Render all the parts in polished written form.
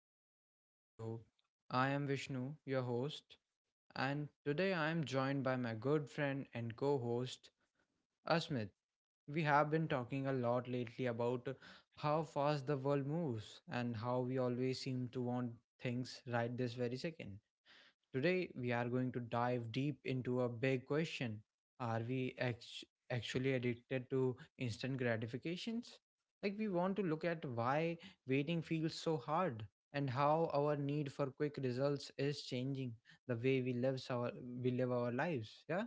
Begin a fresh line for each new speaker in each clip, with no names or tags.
welcome back to the show. I am Vishnu, your host, and today I am joined by my good friend and co host, Asmit. We have been talking a lot lately about how fast the world moves and how we always seem to want things right this very second. Today, we are going to dive deep into a big question. Are we act- actually addicted to instant gratifications? Like, we want to look at why waiting feels so hard and how our need for quick results is changing the way we live our lives. Yeah?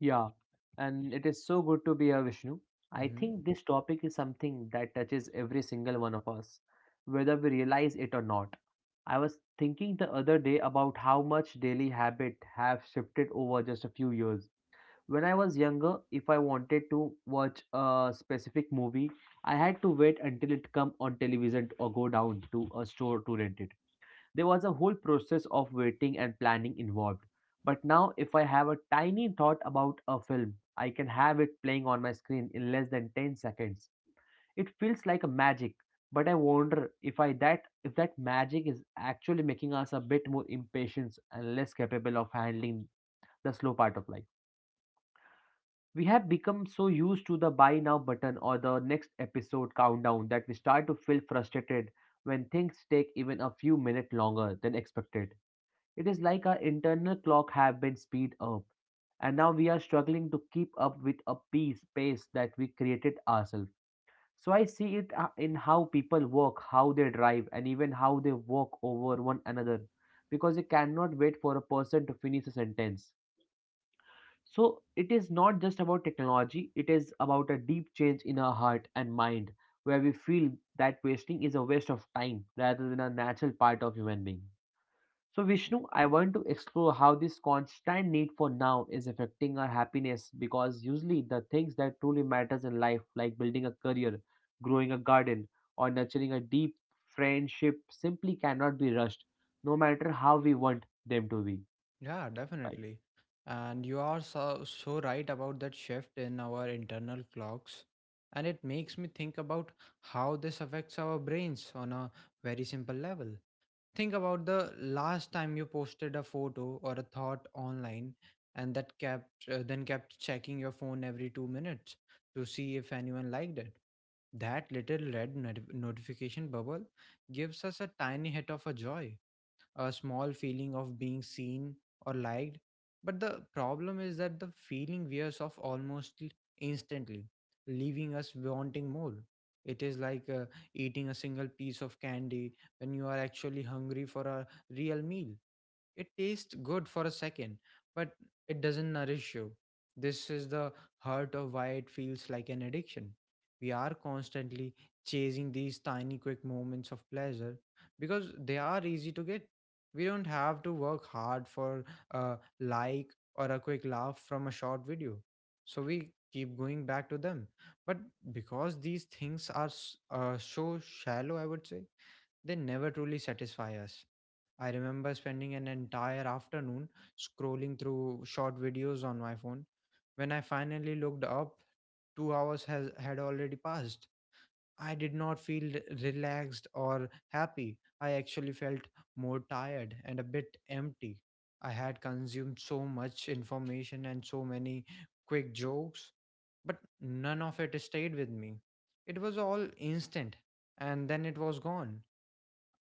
Yeah, and it is so good to be here, Vishnu. I
Mm-hmm.
think this topic is something that touches every single one of us, whether we realize it or not. I was thinking the other day about how much daily habit have shifted over just a few years. When I was younger, if I wanted to watch a specific movie, I had to wait until it come on television or go down to a store to rent it. There was a whole process of waiting and planning involved. But now, if I have a tiny thought about a film, I can have it playing on my screen in less than 10 seconds. It feels like a magic, but I wonder if that magic is actually making us a bit more impatient and less capable of handling the slow part of life. We have become so used to the buy now button or the next episode countdown that we start to feel frustrated when things take even a few minutes longer than expected. It is like our internal clock have been speed up, and now we are struggling to keep up with a piece pace that we created ourselves. So I see it in how people walk, how they drive, and even how they walk over one another, because they cannot wait for a person to finish a sentence. So it is not just about technology; it is about a deep change in our heart and mind, where we feel that wasting is a waste of time rather than a natural part of human being. So, Vishnu, I want to explore how this constant need for now is affecting our happiness because usually the things that truly matters in life, like building a career, growing a garden, or nurturing a deep friendship, simply cannot be rushed, no matter how we want them to be.
Yeah,
Right.
definitely. And you are so, so right about that shift in our internal clocks. And it makes me think about how this affects our brains on a very simple level. Think about the last time you posted a photo or a thought online and that kept then kept checking your phone every 2 minutes to see if anyone liked it. That little red not- notification bubble gives us a tiny hit of a joy, a small feeling of being seen or liked. But the problem is that the feeling wears off instantly, leaving us wanting more. It is like eating a single piece of candy when you are actually hungry for a real meal. It tastes good for a second, but it doesn't nourish you. This is the heart of why it feels like an addiction. We are constantly chasing these tiny, quick moments of pleasure because they are easy to get. We don't have to work hard for a like or a quick laugh from a short video. So we keep going back to them. But because these things are so shallow, I would say, they never truly satisfy us. I remember spending an entire afternoon scrolling through short videos on my phone. When I finally looked up, had already passed. I did not feel relaxed or happy. I actually felt more tired and a bit empty. I had consumed so much information and so many quick jokes, but none of it stayed with me. It was all instant, and then it was gone.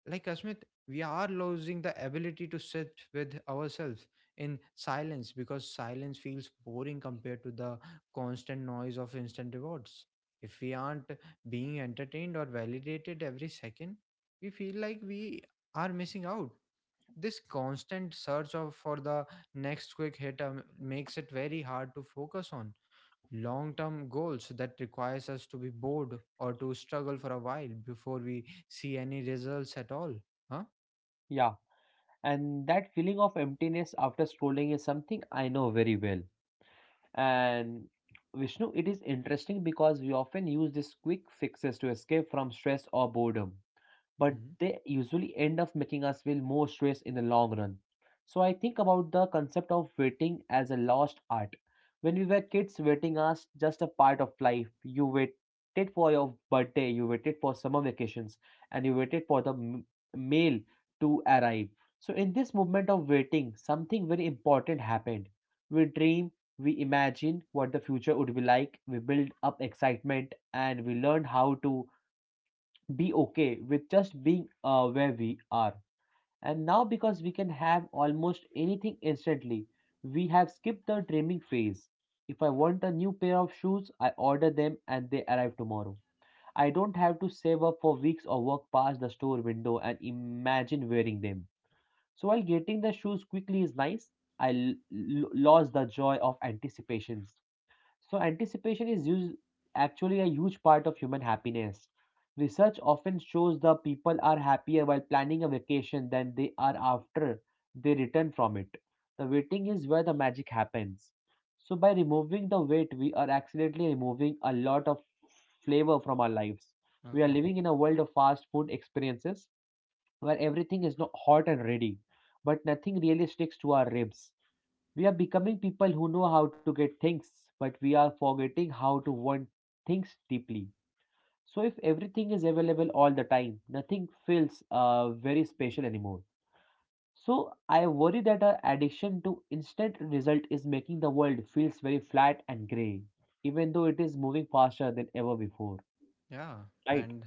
Like, Asmit, we are losing the ability to sit with ourselves in silence because silence feels boring compared to the constant noise of instant rewards. If we aren't being entertained or validated every second, we feel like we are missing out. This constant search of for the next quick hit makes it very hard to focus on long-term goals that requires us to be bored or to struggle for a while before we see any results at all. Huh.
Yeah. And that feeling of emptiness after scrolling is something I know very well. And Vishnu, it is interesting because we often use these quick fixes to escape from stress or boredom, but
Hmm.
they usually end up making us feel more stress in the long run. So I think about the concept of waiting as a lost art. When we were kids, waiting was just a part of life. You waited for your birthday, you waited for summer vacations, and you waited for the mail to arrive. So in this movement of waiting, something very important happened. We dream, we imagine what the future would be like, we build up excitement, and we learn how to be okay with just being where we are. And now, because we can have almost anything instantly, we have skipped the dreaming phase. If I want a new pair of shoes, I order them and they arrive tomorrow. I don't have to save up for weeks or walk past the store window and imagine wearing them. So, while getting the shoes quickly is nice, I lost the joy of anticipations. So, anticipation is used actually a huge part of human happiness. Research often shows that people are happier while planning a vacation than they are after they return from it. The waiting is where the magic happens. So, by removing the wait, we are accidentally removing a lot of flavor from our lives. We are living in a world of fast food experiences where everything is not hot and ready, but nothing really sticks to our ribs. We are becoming people who know how to get things, but we are forgetting how to want things deeply. So, if everything is available all the time, nothing feels very special anymore. So, I worry that our addiction to instant result is making the world feels very flat and gray, even though it is moving faster than ever before.
Yeah,
Right?
and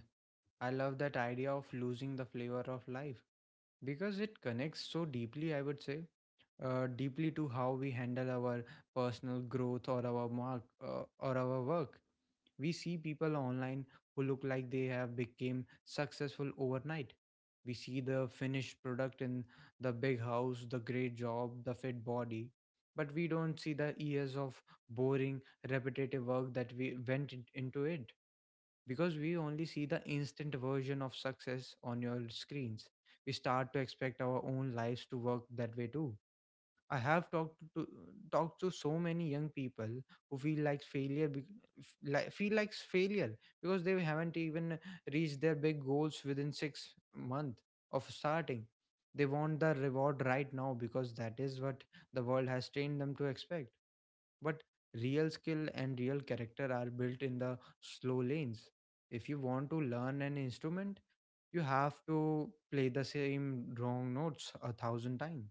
I love that idea of losing the flavor of life because it connects so deeply, I would say, deeply to how we handle our personal growth or our mark or our work. We see people online who look like they have become successful overnight. We see the finished product in the big house, the great job, the fit body, but we don't see the years of boring, repetitive work that we into it because we only see the instant version of success on your screens. We start to expect our own lives to work that way too. I have talked to talked to so many young people who feel like failure because they haven't even reached their big goals within 6 months of starting. They want the reward right now because that is what the world has trained them to expect. But real skill and real character are built in the slow lanes. If you want to learn an instrument, you have to play the same wrong notes a thousand times.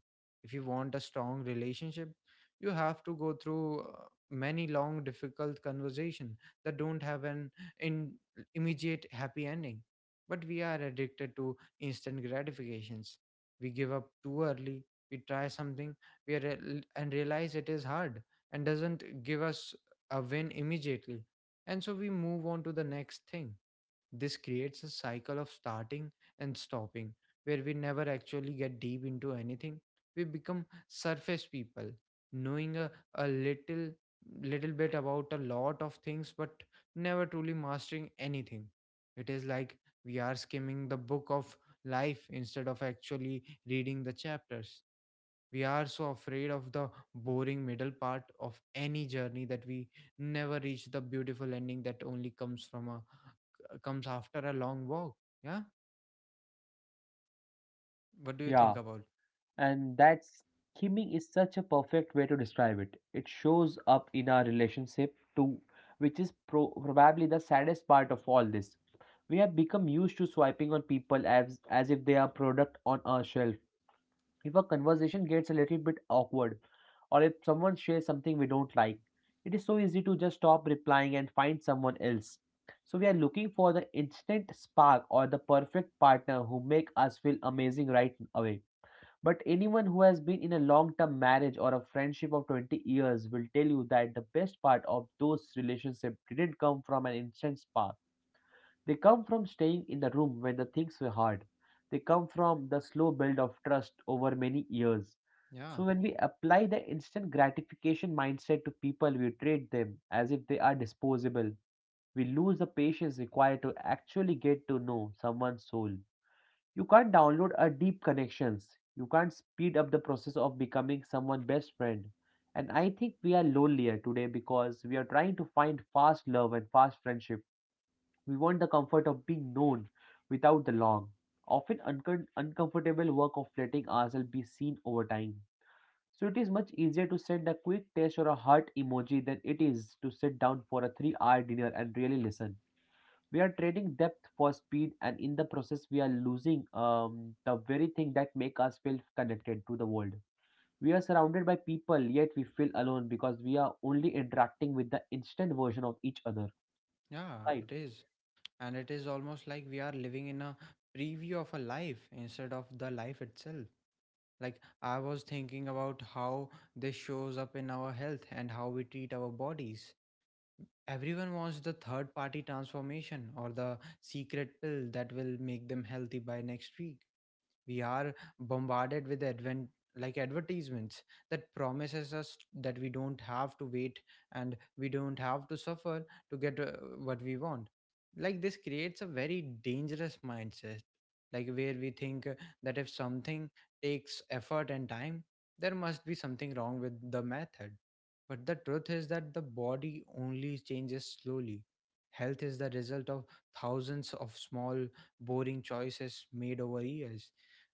If you want a strong relationship, you have to go through many long, difficult conversation that don't have an in immediate happy ending. But we are addicted to instant gratifications. We give up too early. We try something we are, and realize it is hard and doesn't give us a win immediately. And so we move on to the next thing. This creates a cycle of starting and stopping where we never actually get deep into anything. We become surface people, knowing a little bit about a lot of things but never truly mastering anything. It is like we are skimming the book of life instead of actually reading the chapters. We are so afraid of the boring middle part of any journey that we never reach the beautiful ending that only comes from a comes after a long walk. Yeah? What do you think
Yeah.
about?
And that scheming is such a perfect way to describe it. It shows up in our relationship too, which is probably the saddest part of all this. We have become used to swiping on people as if they are product on our shelf. If a conversation gets a little bit awkward, or if someone shares something we don't like, it is so easy to just stop replying and find someone else. So we are looking for the instant spark or the perfect partner who make us feel amazing right away, but anyone who has been in a long term marriage or a friendship of 20 years will tell you that the best part of those relationships didn't come from an instant spark. They come from staying in the room when the things were hard. They come from the slow build of trust over many years.
Yeah,
So, when we apply the instant gratification mindset to people, we treat them as if they are disposable. We lose the patience required to actually get to know someone's soul. You can't download a deep connections. You can't speed up the process of becoming someone's best friend. And I think we are lonelier today because we are trying to find fast love and fast friendship. We want the comfort of being known without the long, often uncomfortable work of letting ourselves be seen over time. So it is much easier to send a quick text or a heart emoji than it is to sit down for a 3-hour dinner and really listen. We are trading depth for speed, and in the process we are losing the very thing that make us feel connected to the world. We are surrounded by people yet we feel alone because we are only interacting with the instant version of each other.
yeah,
Right.
it is. And it is almost like we are living in a preview of a life instead of the life itself. Like, I was thinking about how this shows up in our health and how we treat our bodies. Everyone wants the third party transformation or the secret pill that will make them healthy by next week. We are bombarded with advent like advertisements that promises us that we don't have to wait and we don't have to suffer to get what we want. Like, this creates a very dangerous mindset, like, where we think that if something takes effort and time, there must be something wrong with the method. But the truth is that the body only changes slowly. Health is the result of thousands of small, boring choices made over years.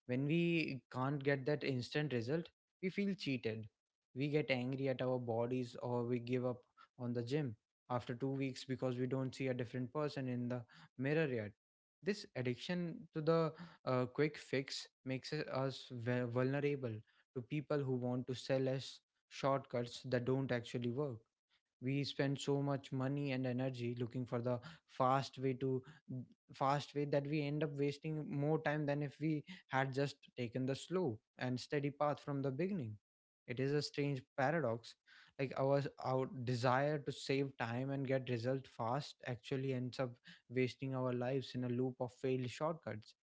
When we can't get that instant result, we feel cheated. We get angry at our bodies or we give up on the gym after 2 weeks because we don't see a different person in the mirror yet. This addiction to the quick fix makes us vulnerable to people who want to sell us shortcuts that don't actually work. We spend so much money and energy looking for the fast way to fast way that we end up wasting more time than if we had just taken the slow and steady path from the beginning. It is a strange paradox. Like, our desire to save time and get result fast actually ends up wasting our lives in a loop of failed shortcuts.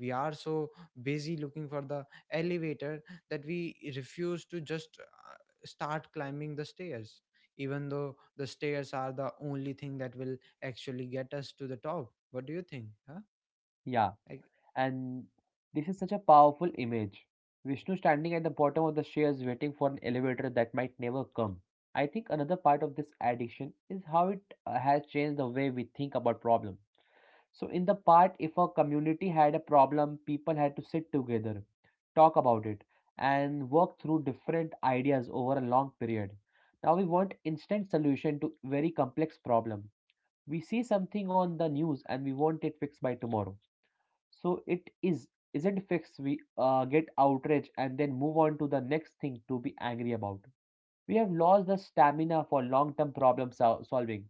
We are so busy looking for the elevator that we refuse to just start climbing the stairs, even though the stairs are the only thing that will actually get us to the top. What do you think? Huh?
Yeah.
Like,
And this is such a powerful image, Vishnu, standing at the bottom of the stairs waiting for an elevator that might never come. I think another part of this addiction is how it has changed the way we think about problem. So in the part, if a community had a problem, people had to sit together, talk about it, and work through different ideas over a long period. Now we want instant solution to very complex problem. We see something on the news and we want it fixed by tomorrow. So it is isn't fixed. We get outraged and then move on to the next thing to be angry about. We have lost the stamina for long-term solving.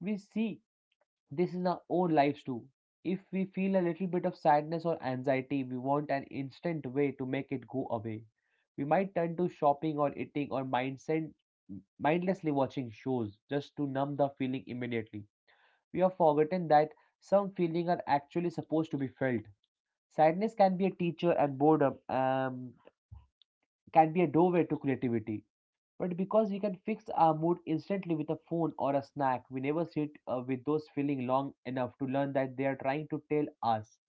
We see this is our own lives too. If we feel a little bit of sadness or anxiety, we want an instant way to make it go away. We might turn to shopping or eating or mindset, mindlessly watching shows just to numb the feeling immediately. We have forgotten that some feelings are actually supposed to be felt. Sadness can be a teacher, and boredom can be a doorway to creativity. But because we can fix our mood instantly with a phone or a snack, we never sit with those feeling long enough to learn that they are trying to tell us.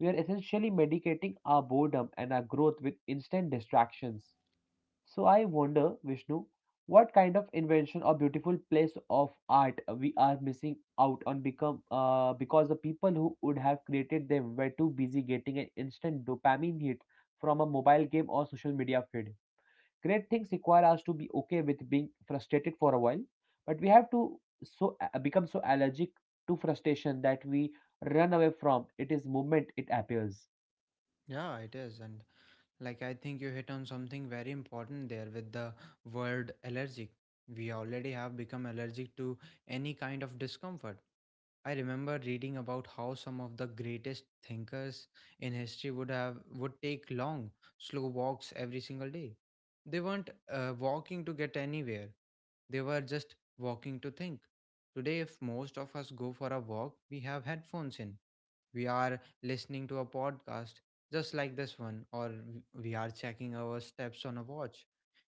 We are essentially medicating our boredom and our growth with instant distractions. So I wonder, Vishnu, what kind of invention or beautiful place of art we are missing out on become because the people who would have created them were too busy getting an instant dopamine hit from a mobile game or social media feed. Great things require us to be okay with being frustrated for a while, but we have to become so allergic to frustration that we run away from it is moment it appears.
yeah, it is. And, like, I think you hit on something very important there with the word allergic. We already have become allergic to any kind of discomfort. I remember reading about how some of the greatest thinkers in history would take long, slow walks every single day. They weren't walking to get anywhere. They were just walking to think. Today, if most of us go for a walk, we have headphones in. We are listening to a podcast just like this one, or we are checking our steps on a watch.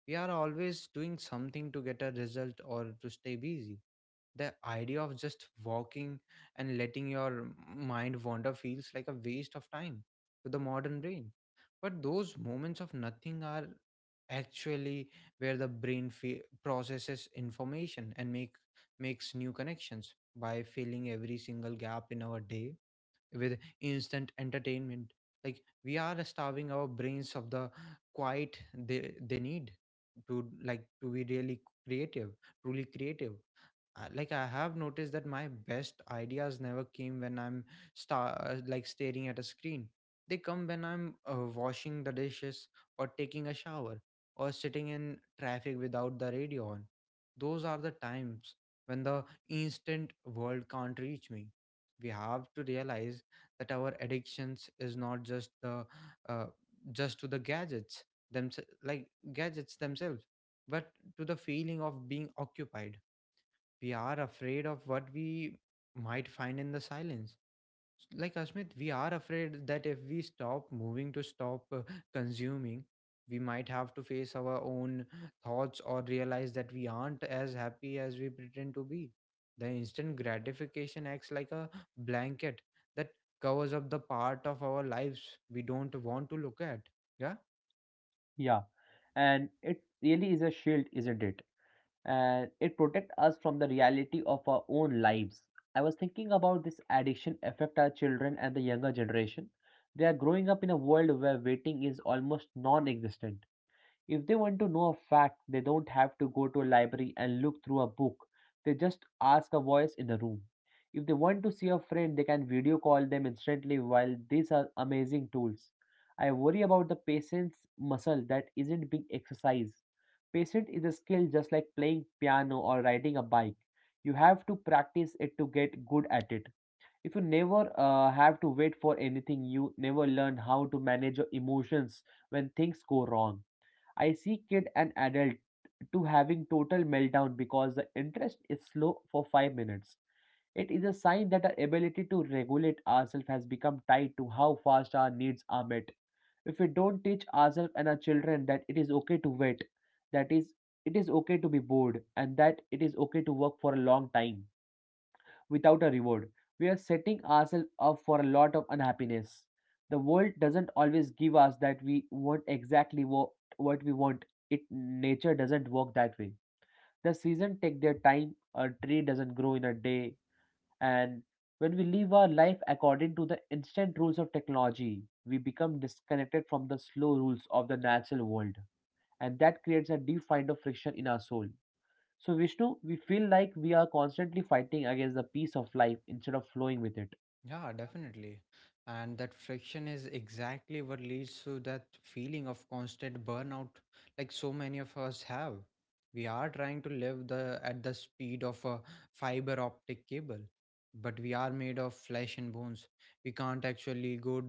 We are always doing something to get a result or to stay busy. The idea of just walking and letting your mind wander feels like a waste of time to the modern brain. But those moments of nothing are actually where the processes information and makes new connections. By filling every single gap in our day with instant entertainment, like, we are starving our brains of the quiet they need to, like, to be really creative, truly creative. Like, I have noticed that my best ideas never came when I'm staring at a screen. They come when I'm washing the dishes or taking a shower or sitting in traffic without the radio on. Those are the times when the instant world can't reach me. We have to realize that our addictions is not just the uh, just to the gadgets them like gadgets themselves, but to the feeling of being occupied. We are afraid of what we might find in the silence. Like, Asmit, we are afraid that if we stop moving, to stop consuming, we might have to face our own thoughts or realize that we aren't as happy as we pretend to be. The instant gratification acts like a blanket that covers up the part of our lives we don't want to look at. Yeah.
Yeah, and it really is a shield, isn't it? And it protects us from the reality of our own lives. I was thinking about this addiction affect our children and the younger generation. They are growing up in a world where waiting is almost non-existent. If they want to know a fact, they don't have to go to a library and look through a book. They just ask a voice in a room. If they want to see a friend, they can video call them instantly while these are amazing tools. I worry about the patient's muscle that isn't being exercised. Patience is a skill just like playing piano or riding a bike. You have to practice it to get good at it. If you never have to wait for anything, you never learn how to manage your emotions when things go wrong. I see kid and adult to having total meltdown because the interest is slow for 5 minutes. It is a sign that our ability to regulate ourselves has become tied to how fast our needs are met. If we don't teach ourselves and our children that it is okay to wait, that is it is okay to be bored and that it is okay to work for a long time, without a reward, we are setting ourselves up for a lot of unhappiness. The world doesn't always give us that we want exactly what we want. It Nature doesn't work that way. The season take their time, a tree doesn't grow in a day, and when we live our life according to the instant rules of technology, we become disconnected from the slow rules of the natural world, and that creates a deep kind of friction in our soul. So, Vishnu, we feel like we are constantly fighting against the peace of life instead of flowing with it.
Yeah, definitely. And that friction is exactly what leads to that feeling of constant burnout, like so many of us have. We are trying to live the at the speed of a fiber optic cable, but we are made of flesh and bones. We can't actually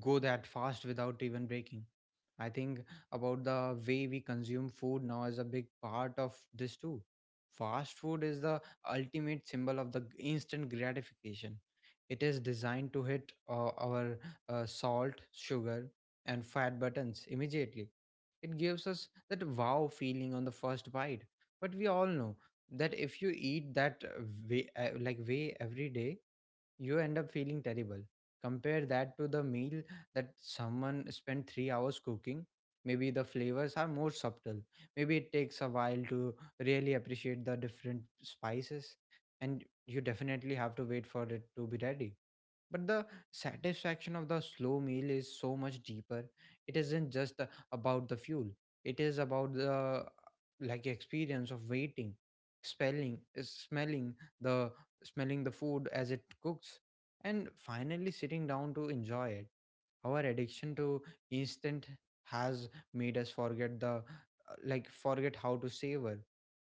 go that fast without even breaking. I think about the way we consume food now is a big part of this too. Fast food is the ultimate symbol of the instant gratification. It is designed to hit our salt, sugar, and fat buttons immediately. It gives us that wow feeling on the first bite. But we all know that if you eat that way every day, you end up feeling terrible. Compare that to the meal that someone spent 3 hours cooking. Maybe the flavors are more subtle. Maybe it takes a while to really appreciate the different spices, and you definitely have to wait for it to be ready, but the satisfaction of the slow meal is so much deeper. It isn't just about the fuel, it is about the experience of waiting, spelling the smelling the food as it cooks and finally sitting down to enjoy it. Our addiction to instant has made us forget the like forget how to savor.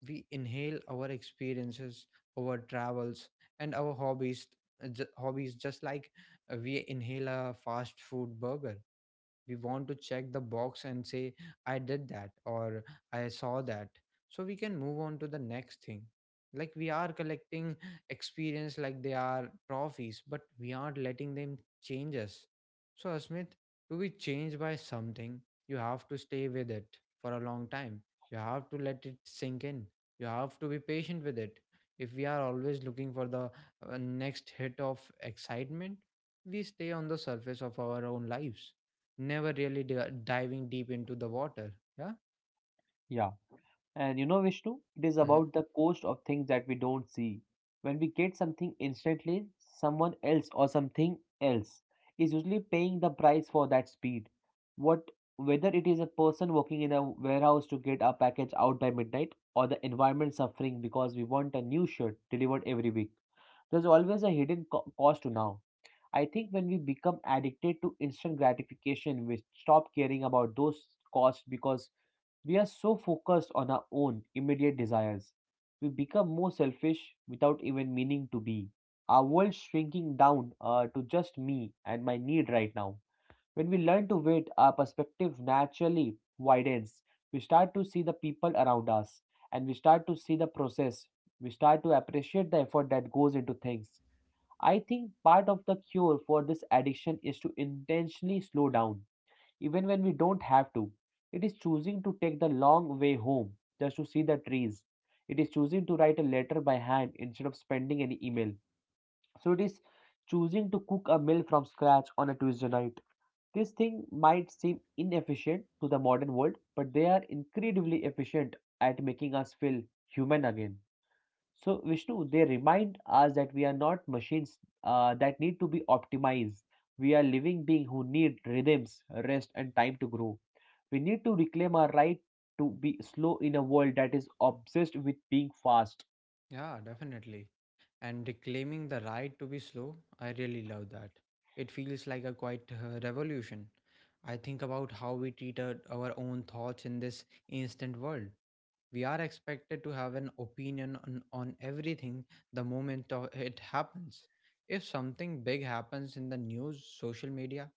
We inhale our experiences, our travels, and our hobbies, hobbies just like we inhale a fast food burger. We want to check the box and say, "I did that," or, "I saw that," so we can move on to the next thing. Like we are collecting experience like they are trophies, but we aren't letting them change us. So, Asmit, to be changed by something, you have to stay with it for a long time. You have to let it sink in. You have to be patient with it. If we are always looking for the next hit of excitement, we stay on the surface of our own lives, never really diving deep into the water. Yeah.
Yeah. And Vishnu, it is
hmm
about the cost of things that we don't see. When we get something instantly, someone else or something else is usually paying the price for that speed. What Whether it is a person working in a warehouse to get our package out by midnight or the environment suffering because we want a new shirt delivered every week. There's always a hidden cost to now. I think when we become addicted to instant gratification, we stop caring about those costs because we are so focused on our own immediate desires. We become more selfish without even meaning to be. Our world shrinking down to just me and my need right now. When we learn to wait, our perspective naturally widens. We start to see the people around us and we start to see the process. We start to appreciate the effort that goes into things. I think part of the cure for this addiction is to intentionally slow down, even when we don't have to. It is choosing to take the long way home just to see the trees. It is choosing to write a letter by hand instead of spending an email. So it is choosing to cook a meal from scratch on a Tuesday night. This thing might seem inefficient to the modern world, but they are incredibly efficient at making us feel human again. So, Vishnu, they remind us that we are not machines that need to be optimized. We are living beings who need rhythms, rest, and time to grow. We need to reclaim our right to be slow in a world that is obsessed with being fast.
Yeah, definitely. And reclaiming the right to be slow, I really love that. It feels like a quite revolution. I think about how we treat our own thoughts in this instant world. We are expected to have an opinion on everything the moment of it happens. If something big happens in the news, social media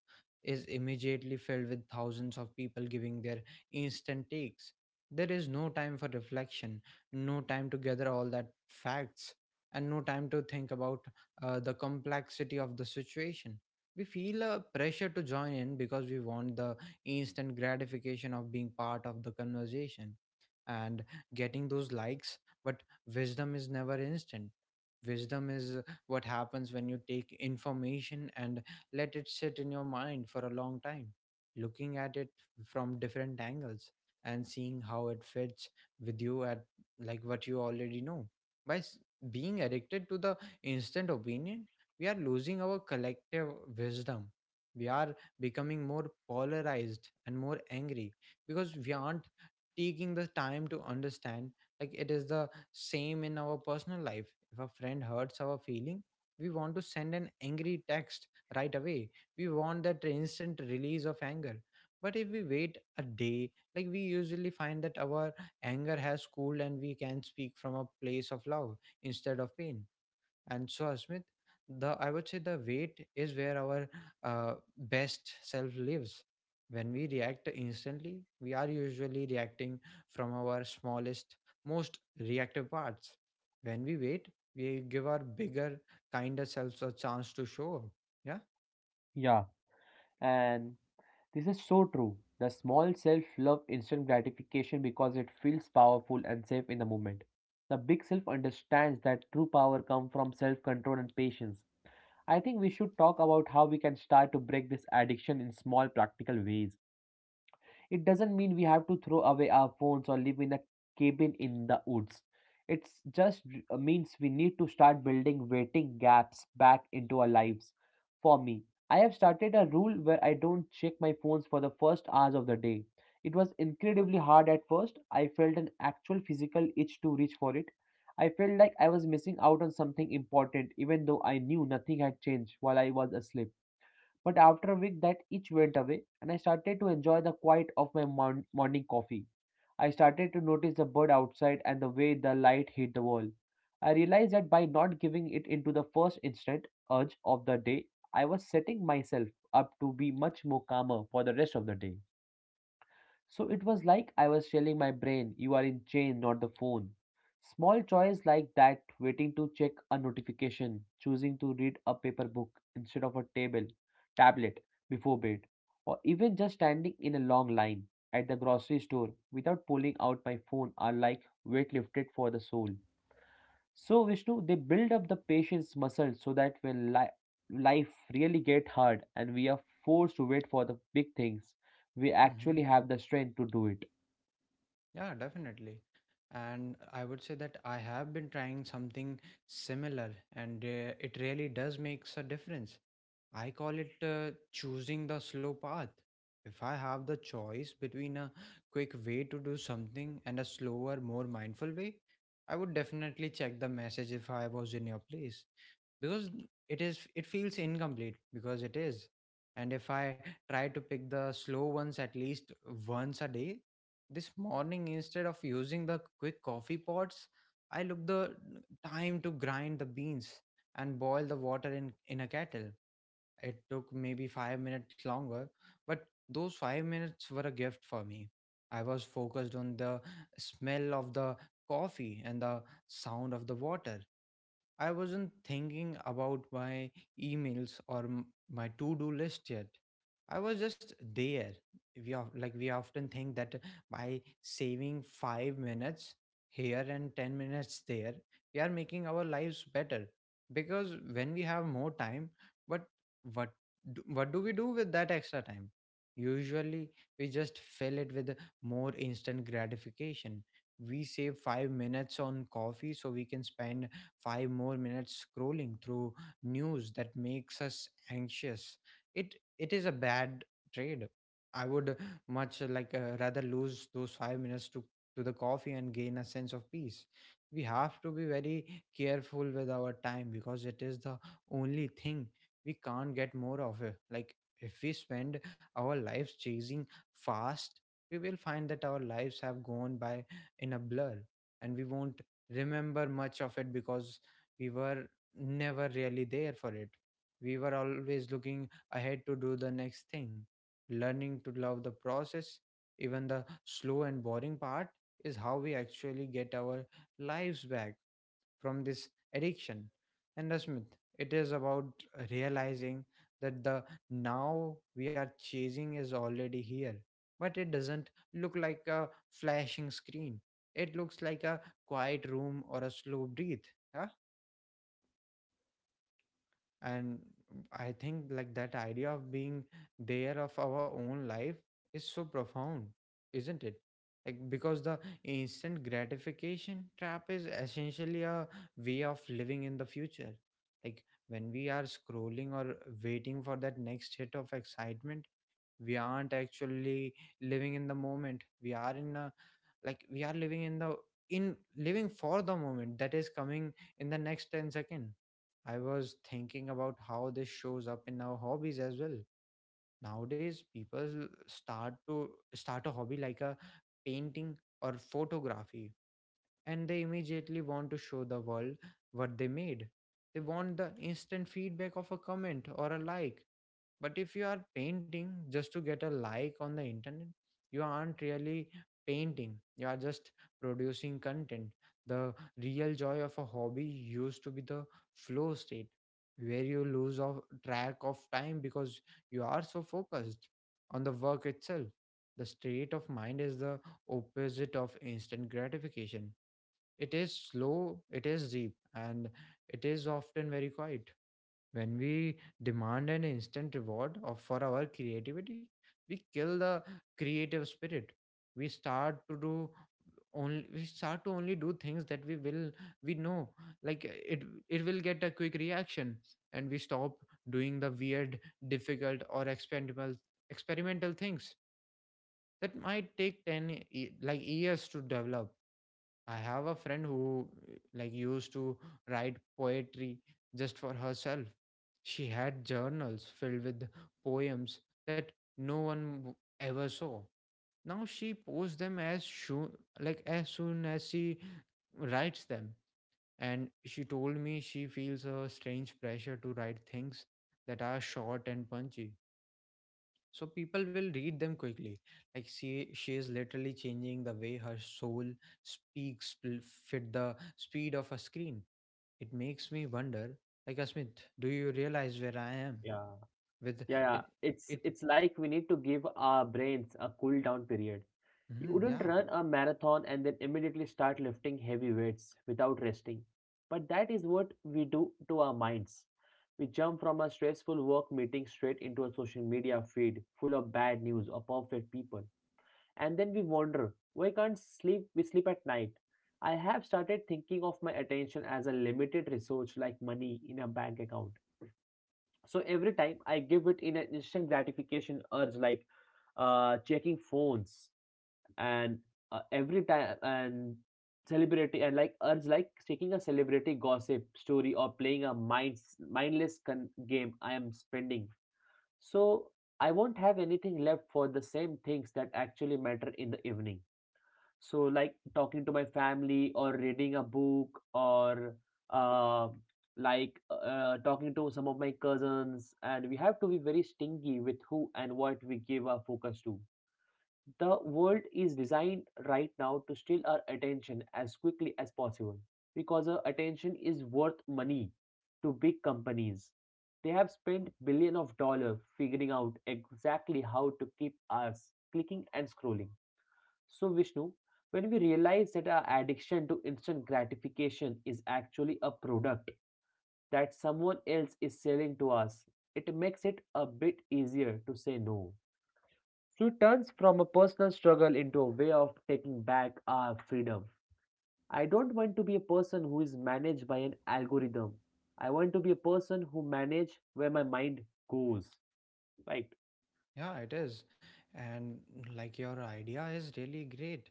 is immediately filled with thousands of people giving their instant takes. There is no time for reflection, no time to gather all that facts, and no time to think about the complexity of the situation. We feel a pressure to join in because we want the instant gratification of being part of the conversation and getting those likes. But wisdom is never instant. Wisdom is what happens when you take information and let it sit in your mind for a long time, looking at it from different angles and seeing how it fits with you at like what you already know. By s- being addicted to the instant opinion, we are losing our collective wisdom. We are becoming more polarized and more angry because we aren't taking the time to understand. Like it is the same in our personal life. If a friend hurts our feeling, we want to send an angry text right away. We want that instant release of anger, but if we wait a day, like we usually find that our anger has cooled and we can speak from a place of love instead of pain. And so, Asmit, the I would say the weight is where our best self lives. When we react instantly, we are usually reacting from our smallest, most reactive parts. When we wait, we give our bigger, kinder selves a chance to show up. Yeah.
Yeah, and this is so true. The small self love instant gratification because it feels powerful and safe in the moment. The big self understands that true power comes from self control and patience. I think we should talk about how we can start to break this addiction in small, practical ways. It doesn't mean we have to throw away our phones or live in a cabin in the woods. It just means we need to start building waiting gaps back into our lives. For me, I have started a rule where I don't check my phones for the first hours of the day. It was incredibly hard at first. I felt an actual physical itch to reach for it. I felt like I was missing out on something important, even though I knew nothing had changed while I was asleep. But after a week, that itch went away, and I started to enjoy the quiet of my morning coffee. I started to notice the bird outside and the way the light hit the wall. I realized that by not giving it into the first instant urge of the day, I was setting myself up to be much more calmer for the rest of the day. So it was like I was telling my brain, you are in chain, not the phone. Small choice like that, waiting to check a notification, choosing to read a paper book instead of a tablet before bed, or even just standing in a long line at the grocery store without pulling out my phone are like weight lifted for the soul. So Vishnu, they build up the patience muscle so that when life really get hard and we are forced to wait for the big things, we
hmm
actually have the strength to do it.
Yeah, definitely. And I would say that I have been trying something similar, and it really does makes a difference. I call it choosing the slow path. If I have the choice between a quick way to do something and a slower, more mindful way, I would definitely check the message if I was in your place because it is, it feels incomplete because it is. And if I try to pick the slow ones at least once a day, this morning instead of using the quick coffee pots, I look the time to grind the beans and boil the water in a kettle. It took maybe 5 minutes longer, but those 5 minutes were a gift for me. I was focused on the smell of the coffee and the sound of the water. I wasn't thinking about my emails or my to-do list yet. I was just there. We of like We often think that by saving 5 minutes here and 10 minutes there, we are making our lives better because when we have more time, but what what do we do with that extra time? Usually, we just fill it with more instant gratification. We save 5 minutes on coffee so we can spend 5 more minutes scrolling through news that makes us anxious. It is a bad trade. I would much rather lose those 5 minutes to the coffee and gain a sense of peace. We have to be very careful with our time because it is the only thing we can't get more of. It. Like if we spend our lives chasing fast, we will find that our lives have gone by in a blur and we won't remember much of it because we were never really there for it. We were always looking ahead to do the next thing. Learning to love the process, even the slow and boring part, is how we actually get our lives back from this addiction. And, Asmit, it is about realizing that the now we are chasing is already here, but it doesn't look like a flashing screen. It looks like a quiet room or a slow breathe. And I think like that idea of being there of our own life is so profound, isn't it? Like because the instant gratification trap is essentially a way of living in the future. Like when we are scrolling or waiting for that next hit of excitement, we aren't actually living in the moment. We are in a like we are living in the in living for the moment that is coming in the next 10 second. I was thinking about how this shows up in our hobbies as well. Nowadays people start a hobby like a painting or photography and they immediately want to show the world what they made. They want the instant feedback of a comment or a like. But if you are painting just to get a like on the internet, you aren't really painting. You are just producing content. The real joy of a hobby used to be the flow state where you lose of track of time because you are so focused on the work itself. The state of mind is the opposite of instant gratification. It is slow, it is deep, and it is often very quiet. When we demand an instant reward for our creativity, we kill the creative spirit. We start to do we start to only do things that we know like uh, it it will get a quick reaction. And we stop doing the weird, difficult, or experimental things that might take 10 years to develop. I have a friend who used to write poetry just for herself. She had journals filled with poems that no one w- ever saw. Now she posts them as soon as she writes them. And she told me she feels a strange pressure to write things that are short and punchy so people will read them quickly. Like she is literally changing the way her soul speaks fit the speed of a screen. It makes me wonder, like, Asmit, do you realize where I am
Yeah,
with
yeah, yeah.
it
It's
it
it's like we need to give our brains a cool down period. You
Mhm,
wouldn't
yeah.
run a marathon and then immediately start lifting heavy weights without resting. But that is what we do to our minds. We jump from a stressful work meeting straight into a social media feed full of bad news or perfect people. And then we wander. We can't sleep, we sleep at night. I have started thinking of my attention as a limited resource like money in a bank account. So every time I give it in an instant gratification urge, like checking phones, and every time and celebrity and like urge like taking a celebrity gossip story or playing a mindless game, I am spending, so I won't have anything left for the same things that actually matter in the evening. So, like talking to my family or reading a book or uh, like talking to some of my cousins, and we have to be very stingy with who and what we give our focus to. The world is designed right now to steal our attention as quickly as possible because our attention is worth money to big companies. They have spent billion of dollars figuring out exactly how to keep us clicking and scrolling. So, Vishnu, when we realize that our addiction to instant gratification is actually a product that someone else is selling to us, it makes it a bit easier to say no. So, it turns from a personal struggle into a way of taking back our freedom. I don't want to be a person who is managed by an algorithm. I want to be a person who manage where my mind goes. Right?
Yeah, it is. And like your idea is really great.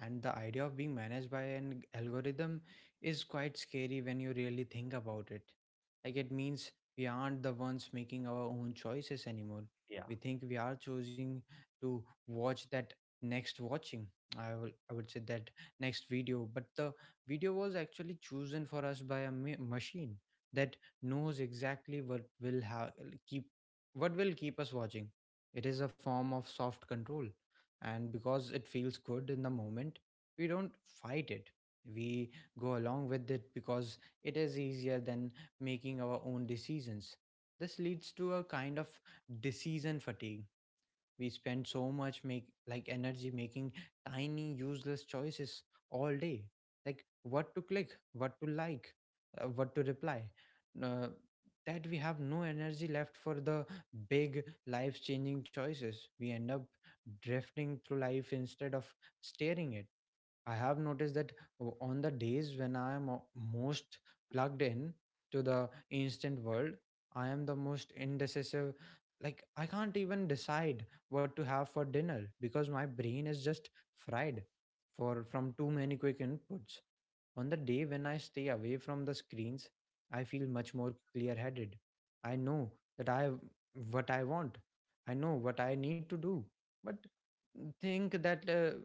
And the idea of being managed by an algorithm is quite scary when you really think about it. Like it means we aren't the ones making our own choices anymore.
Yeah.
We think we are choosing to watch that next watching. I will, I would say that next video, but the video was actually chosen for us by a machine that knows exactly what keep will keep us watching. It is a form of soft control. And because it feels good in the moment, we don't fight it. We go along with it because it is easier than making our own decisions. This leads to a kind of decision fatigue. We spend so much make like energy making tiny useless choices all day. Like what to click, what to like, what to reply. Uh, that we have no energy left for the big life changing choices. We end up drifting through life instead of steering it. I have noticed that on the days when I am most plugged in to the instant world, I am the most indecisive. Like, I can't even decide what to have for dinner because my brain is just fried for from too many quick inputs. On the day when I stay away from the screens, I feel much more clear-headed. I know that I what I want. I know what I need to do. But think that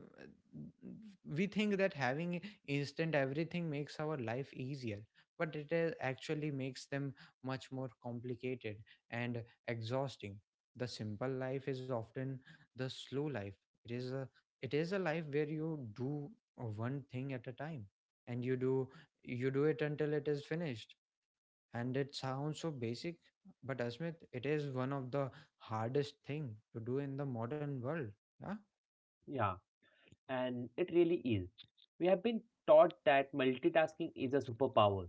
we think that having instant everything makes our life easier but it is actually makes them much more complicated and exhausting the simple life is often the slow life it is a it is a life where you do one thing at a time and you do it until it is finished and it sounds so basic but asmit it is one of the hardest thing to do in the modern world. Yeah.
Yeah, and it really is. We have been taught that multitasking is a superpower,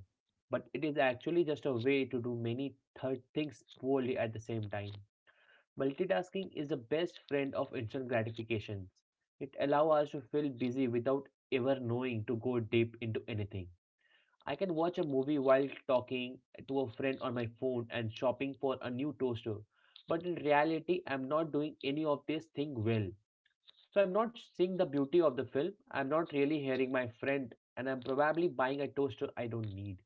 but it is actually just a way to do many third things poorly at the same time. Multitasking is the best friend of instant gratifications. It allows us to feel busy without ever knowing to go deep into anything. I can watch a movie while talking to a friend on my phone and shopping for a new toaster, but in reality, I'm not doing any of this thing well. So I'm not seeing the beauty of the film. I'm not really hearing my friend, and I'm probably buying a toaster I don't need.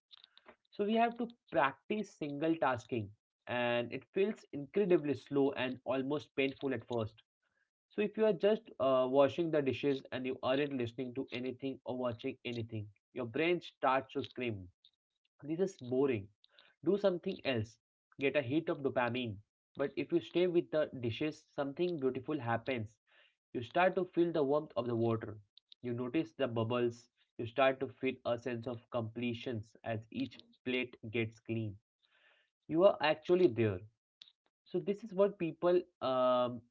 So we have to practice single tasking, and it feels incredibly slow and almost painful at first. So if you are just washing the dishes and you aren't listening to anything or watching anything, your brain starts to scream, "This is boring. Do something else. Get a hit of dopamine." But if you stay with the dishes, something beautiful happens. You start to feel the warmth of the water. You notice the bubbles. You start to feel a sense of completion as each plate gets clean. You are actually there. So, this is what people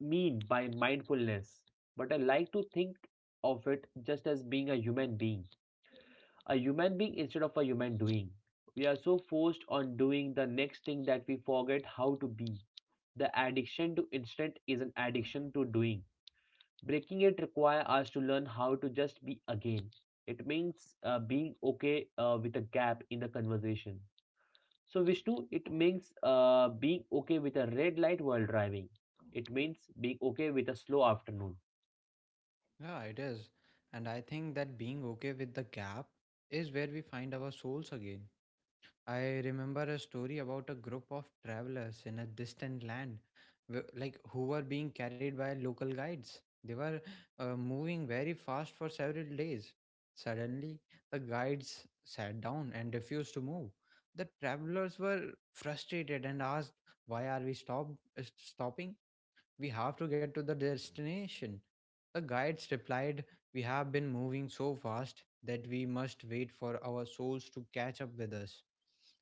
mean by mindfulness. But I like to think of it just as being a human being. A human being instead of a human doing. We are so forced on doing the next thing that we forget how to be. The addiction to instant is an addiction to doing. Breaking it require us to learn how to just be again. It means being okay with a gap in the conversation. So Vishnu, it means being okay with a red light while driving. It means being okay with a slow afternoon.
Yeah, it is. And I think that being okay with the gap is where we find our souls again. I remember a story about a group of travelers in a distant land, who were being carried by local guides. They were moving very fast for several days. Suddenly, the guides sat down and refused to move. The travelers were frustrated and asked, "Why are we stopping? We have to get to the destination." The guides replied, "We have been moving so fast that we must wait for our souls to catch up with us."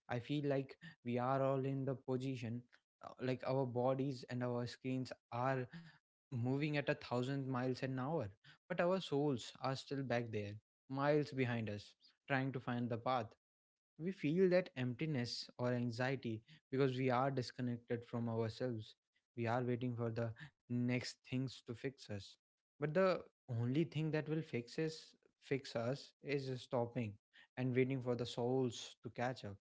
I feel like we are all in the position, our bodies and our screens are moving at 1,000 miles an hour, but our souls are still back there, miles behind us, trying to find the path. We feel that emptiness or anxiety because we are disconnected from ourselves. We are waiting for the next things to fix us. But the only thing that will fix us is stopping and waiting for the souls to catch up.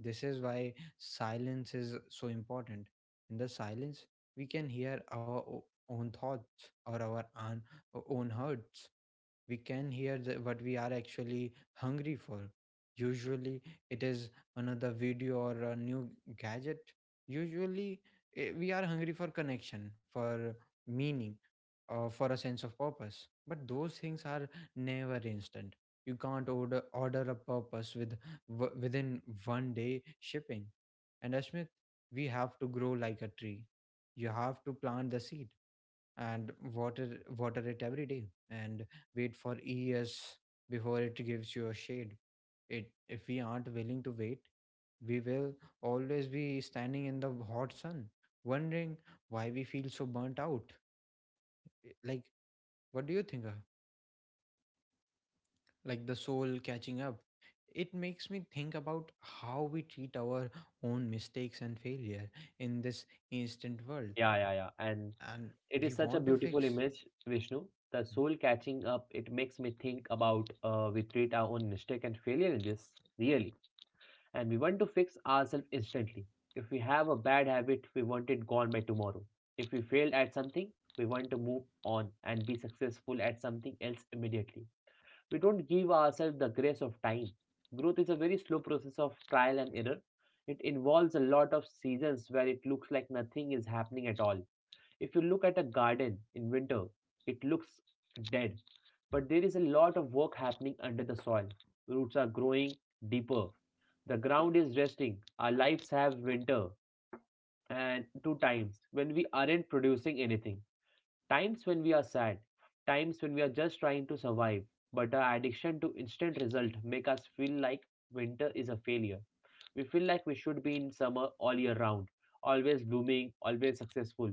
This is why silence is so important. In the silence, we can hear own thoughts or own hurts. We can hear what we are actually hungry for. Usually, it is another video or a new gadget. Usually, we are hungry for connection, for meaning, or for a sense of purpose. But those things are never instant. You can't order a purpose with within one day shipping. And Ashmit, we have to grow like a tree. You have to plant the seed and water it every day and wait for years before it gives you a shade. It if we aren't willing to wait we will always be standing in the hot sun wondering why we feel so burnt out. I- like what do you think like the soul catching up? It makes me think about how we treat our own mistakes and failure in this instant world
Yeah, yeah, yeah. And
and
it
we
is such a
want to
beautiful
fix.
image, Vishnu. The
Hmm?
soul catching up. It makes me think about we treat our own mistake and failure in this really. And we want to fix ourselves instantly. If we have a bad habit, we want it gone by tomorrow. If we failed at something, we want to move on and be successful at something else immediately. We don't give ourselves the grace of time. Growth is a very slow process of trial and error. It involves a lot of seasons where it looks like nothing is happening at all. If you look at a garden in winter, it looks dead, but there is a lot of work happening under the soil. Roots are growing deeper. The ground is resting. Our lives have winter and two times when we aren't producing anything. Times when we are sad, times when we are just trying to survive, but our addiction to instant result make us feel like winter is a failure. We feel like we should be in summer all year round, always blooming, always successful.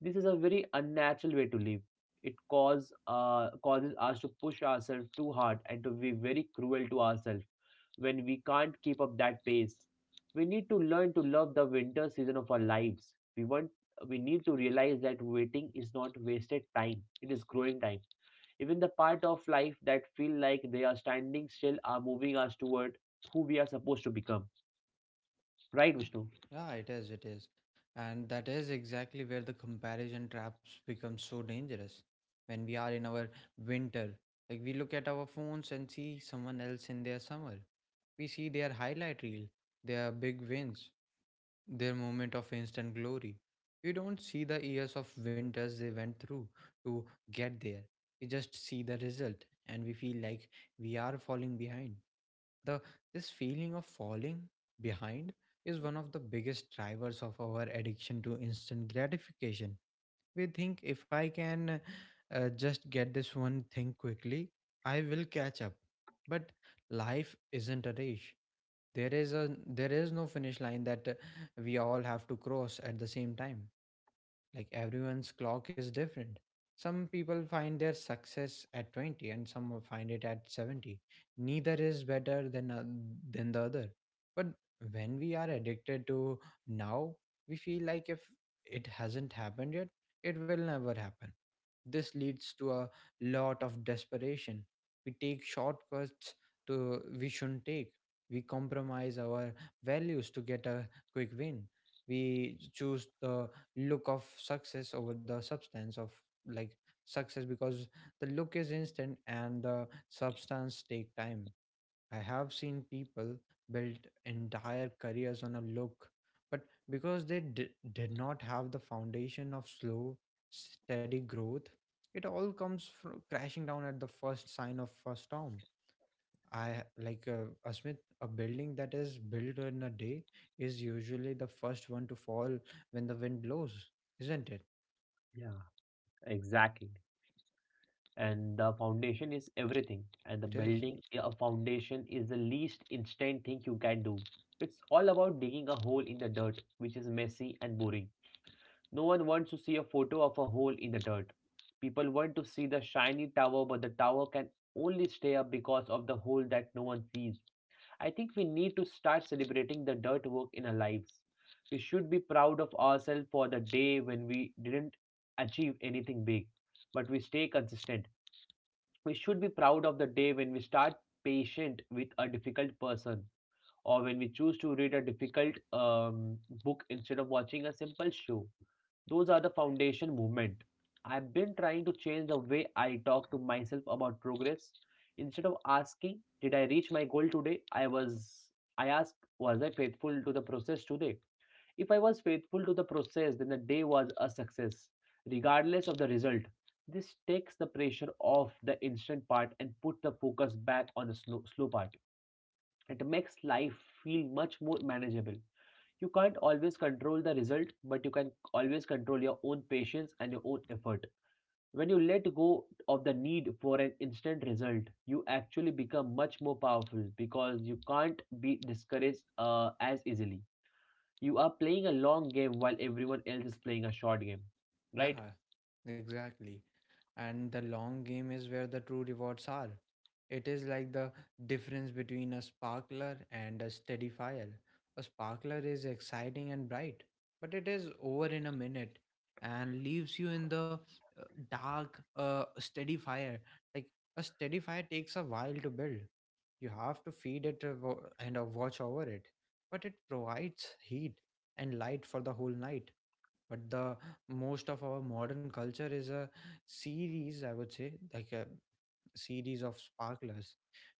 This is a very unnatural way to live. It causes us to push ourselves too hard and to be very cruel to ourselves when we can't keep up that pace. We need to learn to love the winter season of our lives. We need to realize that waiting is not wasted time, it is growing time. Even the part of life that feel like they are standing still are moving us toward who we are supposed to become. Right,
Yeah,
Vishnu?
yeah, it is, it is. And that is exactly where the comparison traps become so dangerous. When we are in our winter, we look at our phones and see someone else in their summer. We see their highlight reel, their big wins, their moment of instant glory. We don't see the years of winters they went through to get there. We just see the result and we feel like we are falling behind. The This feeling of falling behind is one of the biggest drivers of our addiction to instant gratification. We think if I can just get this one thing quickly I will catch up, but life isn't a race. There is no finish line that we all have to cross at the same time. Like everyone's clock is different. Some people find their success at 20 and some will find it at 70. Neither is better than the other. But when we are addicted to now, we feel like if it hasn't happened yet, it will never happen. This leads to a lot of desperation. We take shortcuts to we shouldn't take. We compromise our values to get a quick win. We choose the look of success over the substance of like success because the look is instant and the substance take time. I have seen people build entire careers on a look, but because they did not have the foundation of slow steady growth it all comes from crashing down at the first sign of a storm. I like Asmit, a building that is built in a day is usually the first one to fall when the wind blows, isn't it?
Yeah, exactly. And the foundation is everything, and the
It is.
building a foundation is the least instant thing you can do. It's all about digging a hole in the dirt, which is messy and boring. No one wants to see a photo of a hole in the dirt. People want to see the shiny tower, but the tower can only stay up because of the hole that no one sees. I think we need to start celebrating the dirt work in our lives. We should be proud of ourselves for the day when we didn't achieve anything big, but we stay consistent. We should be proud of the day when we start patient with a difficult person, or when we choose to read a difficult book instead of watching a simple show. Those are the foundation movement. I've been trying to change the way I talk to myself about progress. Instead of asking, did I reach my goal today? I asked, was I faithful to the process today? If I was faithful to the process, then the day was a success, regardless of the result. This takes the pressure off the instant part and put the focus back on the slow, slow part. It makes life feel much more manageable. You can't always control the result, but you can always control your own patience and your own effort. When you let go of the need for an instant result, you actually become much more powerful because you can't be discouraged as easily. You are playing a long game while everyone else is playing a short game, right?
Yeah, exactly. And the long game is where the true rewards are. It is like the difference between a sparkler and a steady fire. A sparkler is exciting and bright, but it is over in a minute and leaves you in the uh, dark. Steady fire. Like a steady fire takes a while to build. You have to feed it and watch over it, but it provides heat and light for the whole night. But the most of our modern culture is a series, I would say, like a series of sparklers.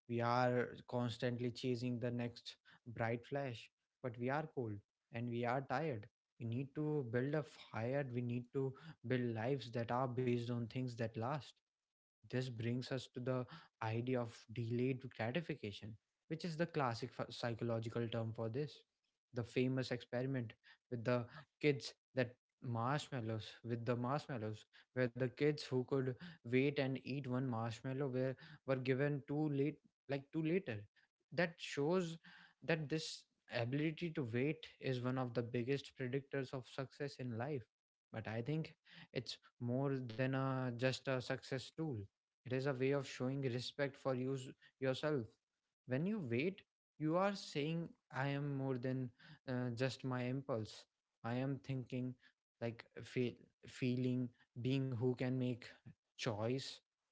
We are constantly chasing the next bright flash, but we are cold and we are tired. We need to build a fire, we need to build lives that are based on things that last. This brings us to the idea of delayed gratification, which is the classic psychological term for this. The famous experiment with the kids that marshmallows with the marshmallows where the kids who could wait and eat one marshmallow were given two la- like to later. That shows that this ability to wait is one of the biggest predictors of success in life. But I think it's more than a just a success tool. It is a way of showing respect for yourself. When you wait you are saying I am more than just my impulse. I am like feel, feeling being who can make choice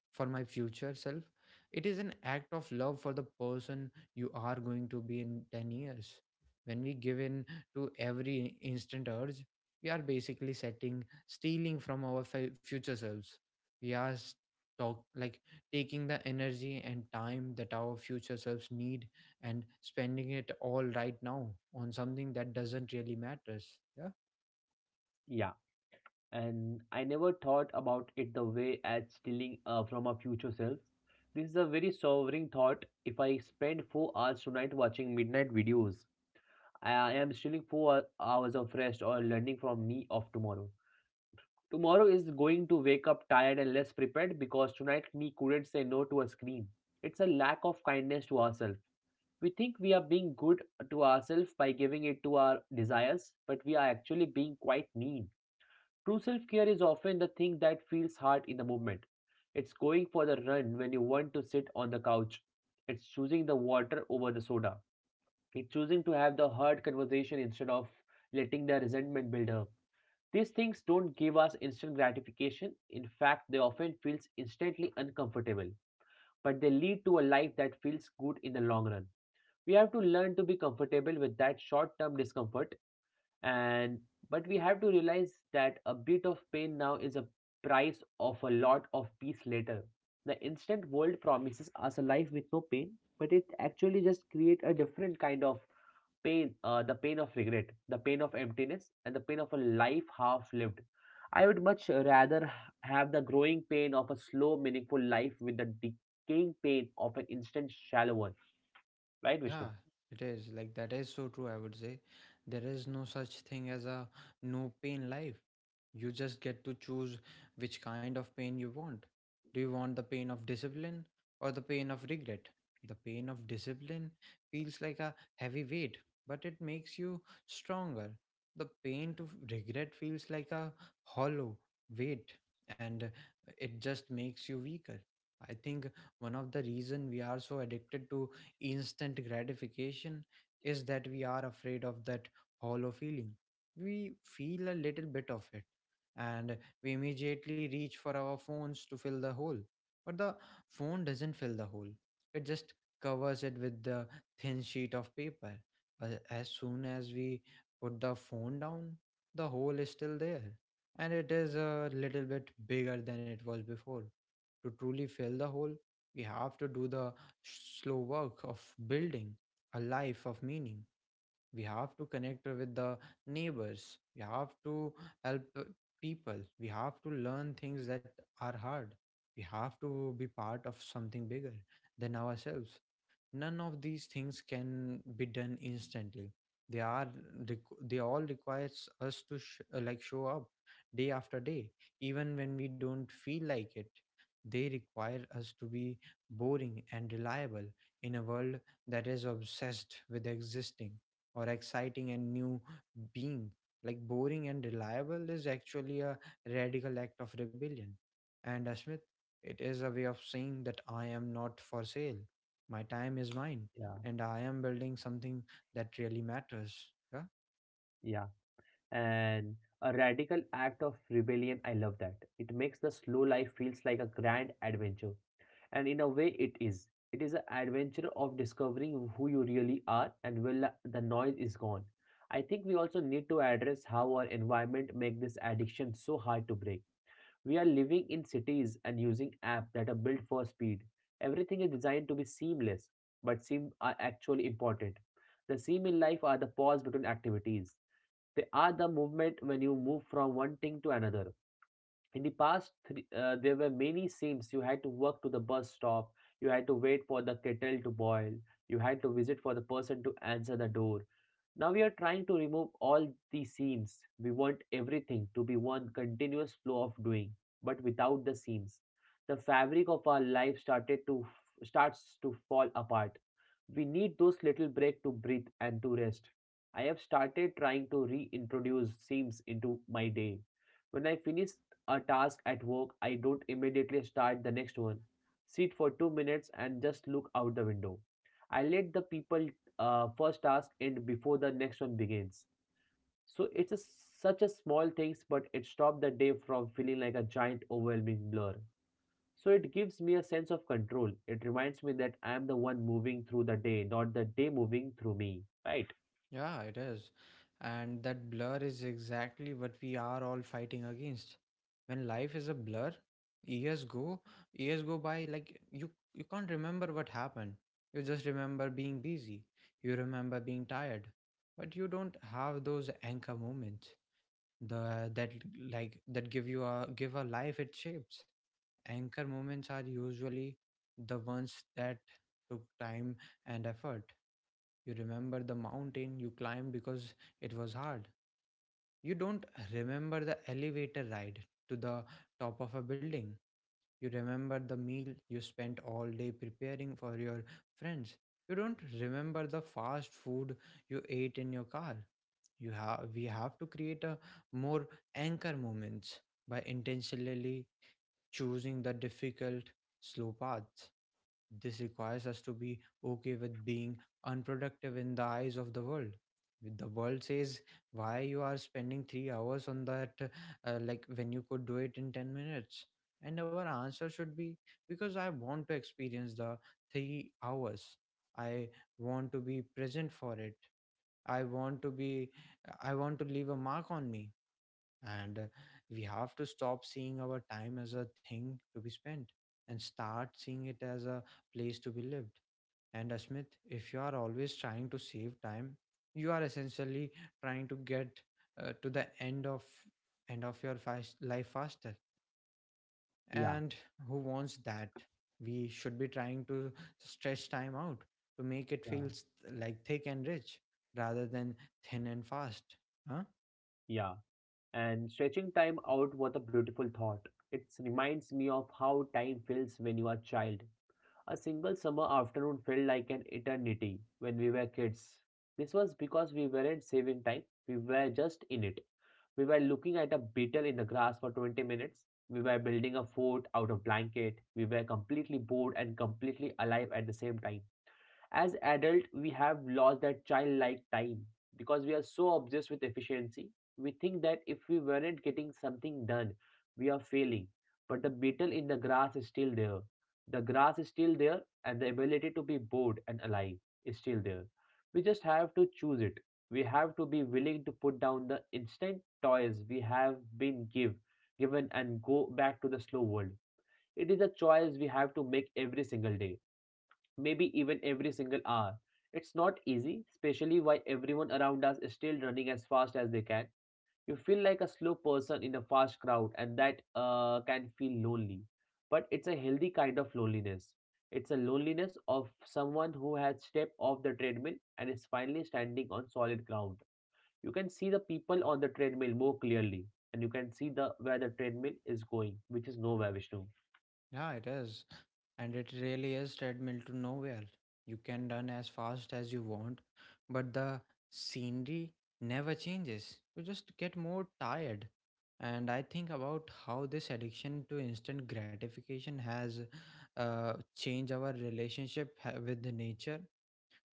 for my future self. It is an act of love for the person you are going to be in 10 years. When we give in to every instant urge, we are basically setting stealing from our future selves. We are s- talk like taking the energy and time that our future selves need and spending it all right now on something that doesn't really matters. Yeah.
Yeah. And I never thought about it the way as stealing from our future self. This is a very sobering thought. If I spend 4 hours tonight watching midnight videos, I am stealing hours of rest or learning from me of tomorrow. Tomorrow is going to wake up tired and less prepared because tonight me couldn't say no to a screen. It's a lack of kindness to ourselves. We think we are being good to ourselves by giving it to our desires, but we are actually being quite mean. True self care is often the thing that feels hard in the moment. It's going for the run when you want to sit on the couch. It's choosing the water over the soda. It's choosing to have the hard conversation instead of letting the resentment build up. These things don't give us instant gratification. In fact, they often feel instantly uncomfortable, but they lead to a life that feels good in the long run. We have to learn to be comfortable with that short-term discomfort, and but we have to realize that a bit of pain now is a price of a lot of peace later. The instant world promises us a life with no pain, but it actually just create a different kind of pain, the pain of regret, the pain of emptiness, and the pain of a life half lived. I would much rather have the growing pain of a slow meaningful life with the decaying pain of an instant shallow one. Right,
Yeah,
Vishnu?
it is. Like, that is so true, I would say. There is no such thing as a no pain life. You just get to choose which kind of pain you want. Do you want the pain of discipline or the pain of regret? The pain of discipline feels like a heavy weight, but it makes you stronger. The pain to regret feels like a hollow weight and it just makes you weaker. I think one of the reason we are so addicted to instant gratification is that we are afraid of that hollow feeling. We feel a little bit of it and we immediately reach for our phones to fill the hole. But the phone doesn't fill the hole, it just covers it with the thin sheet of paper. But as soon as we put the phone down, the hole is still there, and it is a little bit bigger than it was before. To truly fill the hole, we have to do the slow work of building a life of meaning. We have to connect with the neighbors, we have to help people, we have to learn things that are hard, we have to be part of something bigger than ourselves. None of these things can be done instantly. they are they all requires us to show up day after day even when we don't feel like it. They require us to be boring and reliable in a world that is obsessed with existing or exciting and new being. Boring and reliable is actually a radical act of rebellion. And Smith, it is a way of saying that I am not for sale. My time is mine,
Yeah.
and I am building something that really matters. Yeah?
Yeah, and a radical act of rebellion. I love that. It makes the slow life feels like a grand adventure, and in a way, it is. It is an adventure of discovering who you really are and when the noise is gone. I think we also need to address how our environment make this addiction so hard to break. We are living in cities and using apps that are built for speed. Everything is designed to be seamless, but seem are actually important. The seam in life are the pause between activities. They are the movement when you move from one thing to another. In the past, there were many seams. You had to walk to the bus stop. You had to wait for the kettle to boil. You had to visit for the person to answer the door. Now we are trying to remove all the seams. We want everything to be one continuous flow of doing, but without the seams. The fabric of our life started to starts to fall apart. We need those little break to breathe and to rest. I have started trying to reintroduce seams into my day. When I finish a task at work, I don't immediately start the next one. Sit for 2 minutes and just look out the window. I let the people first task end before the next one begins. So it's a, Such a small things, but it stopped the day from feeling like a giant overwhelming blur. So it gives me a sense of control. It reminds me that I am the one moving through the day, not the day moving through me. Right?
Yeah, it is. And that blur is exactly what we are all fighting against. When life is a blur, years go, years go by like you can't remember what happened. You just remember being busy. You remember being tired. But you don't have those anchor moments. The that like that give you a give a life its shapes. Anchor moments are usually the ones that took time and effort. You remember the mountain you climbed because it was hard. You don't remember the elevator ride to the top of a building. You remember the meal you spent all day preparing for your friends. You don't remember the fast food you ate in your car. You have We have to create a more anchor moments by intentionally choosing the difficult, slow paths. This requires us to be okay with being unproductive in the eyes of the world. If the world says why you are spending 3 hours on that, when you could do it in 10 minutes. And our answer should be because I want to experience the 3 hours. I want to be present for it. I want to be, I want to leave a mark on me and we have to stop seeing our time as a thing to be spent and start seeing it as a place to be lived and Smith, if you are always trying to save time, you are essentially trying to get to the end of your fast life faster,
Yeah.
and who wants that? We should be trying to stretch time out to make it
Yeah.
feels like thick and rich rather than thin and fast, huh?
Yeah, and stretching time out was a beautiful thought. It reminds me of how time feels when you are a child. A single summer afternoon felt like an eternity when we were kids. This was because we weren't saving time, we were just in it. We were looking at a beetle in the grass for 20 minutes. We were building a fort out of blanket. We were completely bored and completely alive at the same time. As adult, we have lost that childlike time because we are so obsessed with efficiency. We think that if we weren't getting something done, we are failing, but the beetle in the grass is still there. The grass is still there, and the ability to be bored and alive is still there. We just have to choose it. We have to be willing to put down the instant toys we have been given and go back to the slow world. It is a choice we have to make every single day, maybe even every single hour. It's not easy, especially while everyone around us is still running as fast as they can. You feel like a slow person in a fast crowd, and that can feel lonely. But it's a healthy kind of loneliness. It's a loneliness of someone who has stepped off the treadmill and is finally standing on solid ground. You can see the people on the treadmill more clearly, and you can see the where the treadmill is going, which is nowhere, Vishnu.
Yeah, it is. And it really is treadmill to nowhere. You can run as fast as you want, but the scenery never changes. You just get more tired. And I think about how this addiction to instant gratification has changed our relationship with the nature.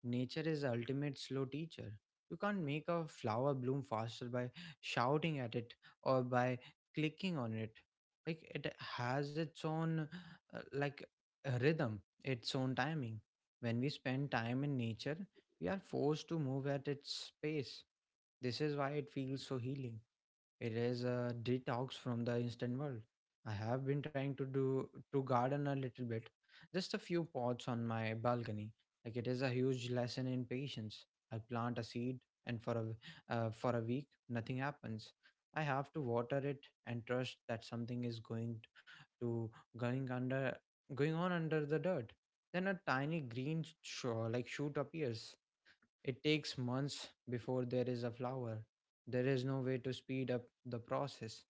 Nature is the ultimate slow teacher. You can't make a flower bloom faster by shouting at it or by clicking on it. Like, it has its own uh, like a rhythm, its own timing. When we spend time in nature, we are forced to move at its pace. This is why it feels so healing. It is a detox from the instant world. I have been trying to do to garden a little bit, just a few pots on my balcony. Like, it is a huge lesson in patience. I plant a seed, and for a week, nothing happens. I have to water it and trust that something is going t- to going under going on under the dirt. Then a tiny green shoot appears, it takes months before there is a flower. There is no way to speed up the process.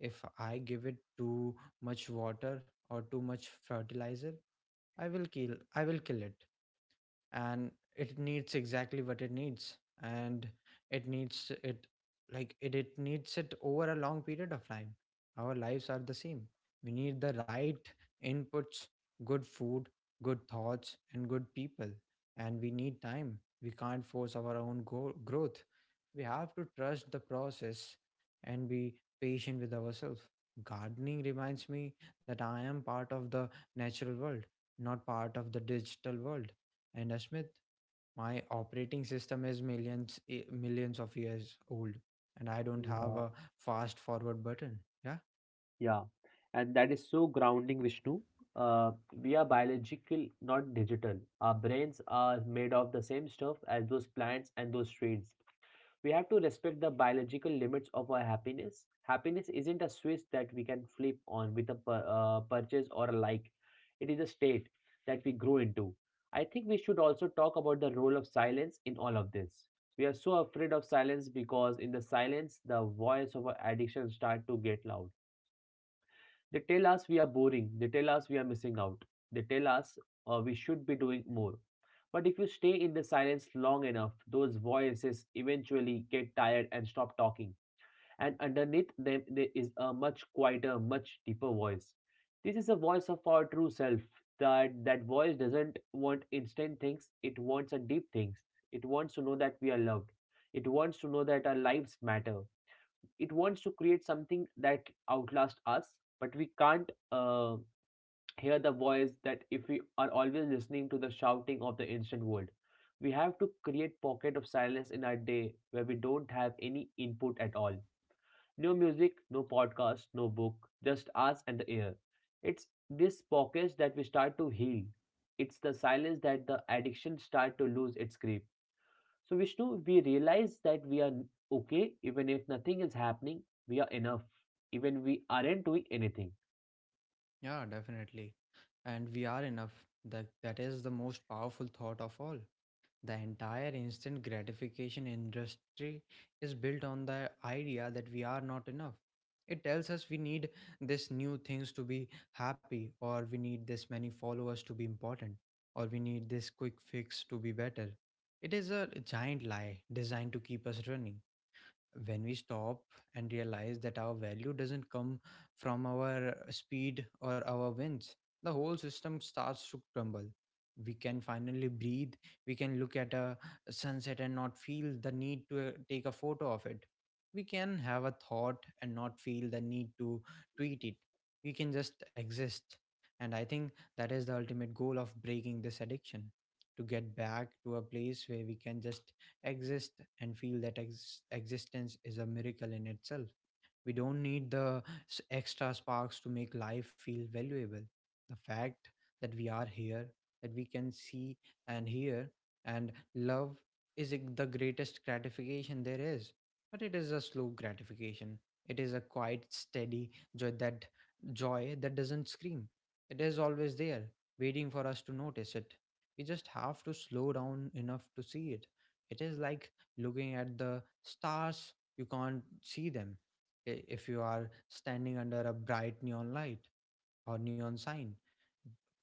If I give it too much water or too much fertilizer, I will kill it, and it needs exactly what it needs, and it needs it like it needs it over a long period of time. Our lives are the same. We need the right inputs, good food, good thoughts and good people, and we need time. We can't force our own growth. We have to trust the process and be patient with ourselves. Gardening reminds me that I am part of the natural world, not part of the digital world. And my operating system is millions of years old, and I don't have a fast forward button. Yeah,
Yeah, and that is so grounding, Vishnu. We are biological, not digital. Our brains are made of the same stuff as those plants and those trees. We have to respect the biological limits of our happiness. Happiness isn't a switch that we can flip on with a purchase or a like. It is a state that we grow into. I think we should also talk about the role of silence in all of this. We are so afraid of silence because in the silence, the voice of our addiction start to get loud. They tell us we are boring. They tell us we are missing out. They tell us we should be doing more. But if you stay in the silence long enough, those voices eventually get tired and stop talking. And underneath them, there is a much quieter, much deeper voice. This is a voice of our true self. That voice doesn't want instant things. It wants a deep things. It wants to know that we are loved. It wants to know that our lives matter. It wants to create something that outlasts us, but we can't hear the voice that if we are always listening to the shouting of the instant world. We have to create pocket of silence in our day where we don't have any input at all. No music, no podcast, no book, just us and the air. It's this pockets that we start to heal. It's the silence that the addiction start to lose its grip. So, Vishnu, we realize that we are okay even if nothing is happening, we are enough, even we aren't doing anything.
yeah, definitely. And we are enough. That is the most powerful thought of all. The entire instant gratification industry is built on the idea that we are not enough. It tells us we need this new things to be happy, or we need this many followers to be important, or we need this quick fix to be better. It is a giant lie designed to keep us running. When we stop and realize that our value doesn't come from our speed or our wins, the whole system starts to crumble. We can finally breathe. We can look at a sunset and not feel the need to take a photo of it. We can have a thought and not feel the need to tweet it. We can just exist. And I think that is the ultimate goal of breaking this addiction: to get back to a place where we can just exist and feel that existence is a miracle in itself. We don't need the extra sparks to make life feel valuable. The fact that we are here, that we can see and hear and love is the greatest gratification there is. But it is a slow gratification. It is a quiet, steady joy that joy that doesn't scream. It is always there, waiting for us to notice it. We just have to slow down enough to see it. It is like looking at the stars. You can't see them if you are standing under a bright neon light or neon sign.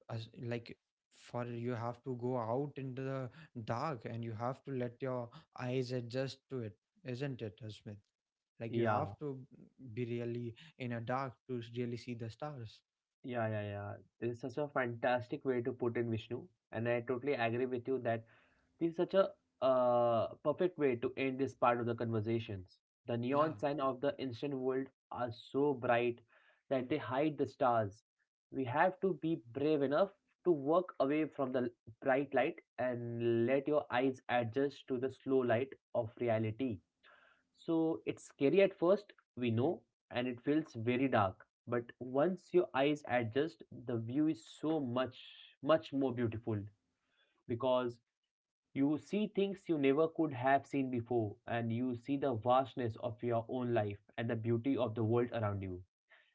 As like, for you have to go out into the dark and you have to let your eyes adjust to it, isn't it, Smith? Like, you
Yeah,
have to be really in a dark to really see the stars,
yeah. This is such a fantastic way to put in Vishnu, and I totally agree with you that this is such a perfect way to end this part of the conversations. The
yeah.
neon sign of the instant world are so bright that they hide the stars. We have to be brave enough to walk away from the bright light and let your eyes adjust to the slow light of reality. So it's scary at first, we know, and it feels very dark. But once your eyes adjust, the view is so much, much more beautiful, because you see things you never could have seen before, and you see the vastness of your own life and the beauty of the world around you.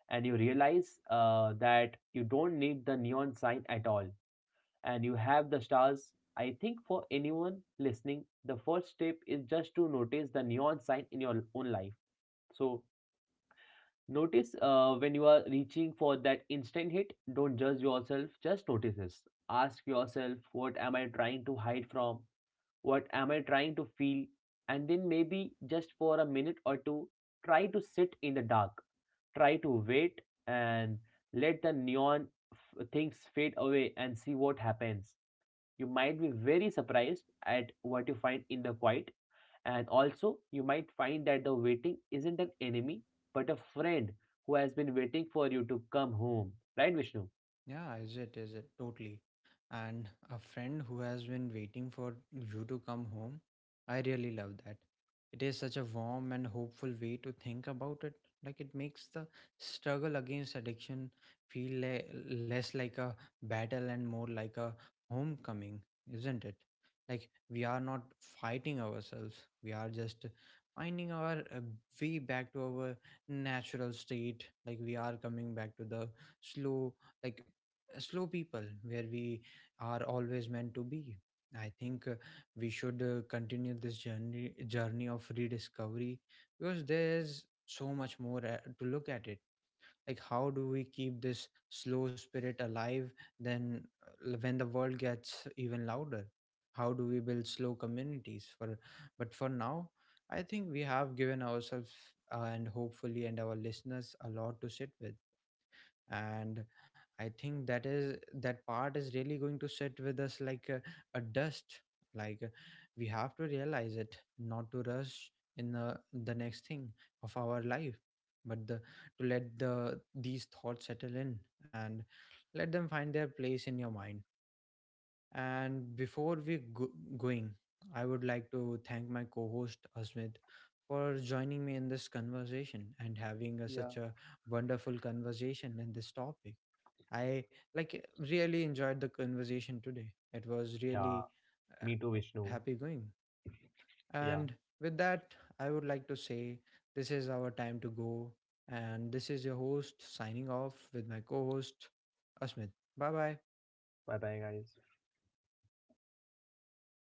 And you realize that you don't need the neon sign at all, and you have the stars. I think for anyone listening, the first step is just to notice the neon sign in your own life. So, notice when you are reaching for that instant hit, don't judge yourself, just notice this. Ask yourself, what am I trying to hide from? What am I trying to feel, and then maybe just for a minute or two, try to sit in the dark, try to wait, and let the things fade away and see what happens. You might be very surprised at what you find in the quiet, and also you might find that the waiting isn't an enemy but a friend who has been waiting for you to come home. Right, Vishnu?
Yeah, is it? Is it? Totally. And a friend who has been waiting for you to come home, I really love that. It is such a warm and hopeful way to think about it. Like, it makes the struggle against addiction feel less like a battle and more like a homecoming, isn't it? Like, we are not fighting ourselves, we are just finding our way back to our natural state. Like, we are coming back to the slow, like slow people where we are always meant to be. I think we should continue this journey of rediscovery because there's so much more to look at it. Like, how do we keep this slow spirit alive then when the world gets even louder? How do we build slow communities for, but for now, I think we have given ourselves and hopefully and our listeners a lot to sit with. And I think that is, that part is really going to sit with us like a dust, like we have to realize it not to rush in the next thing of our life, but the, to let the these thoughts settle in and let them find their place in your mind. And before we going, I would like to thank my co-host Asmit for joining me in this conversation and having a,
Yeah.
such a wonderful conversation in this topic. I like really enjoyed the conversation today. It was
Yeah,
really uh,
me too, Vishnu.
happy going.
Yeah,
And with that, I would like to say this is our time to go. And this is your host signing off with my co host, Asmit. Bye bye.
bye bye, guys.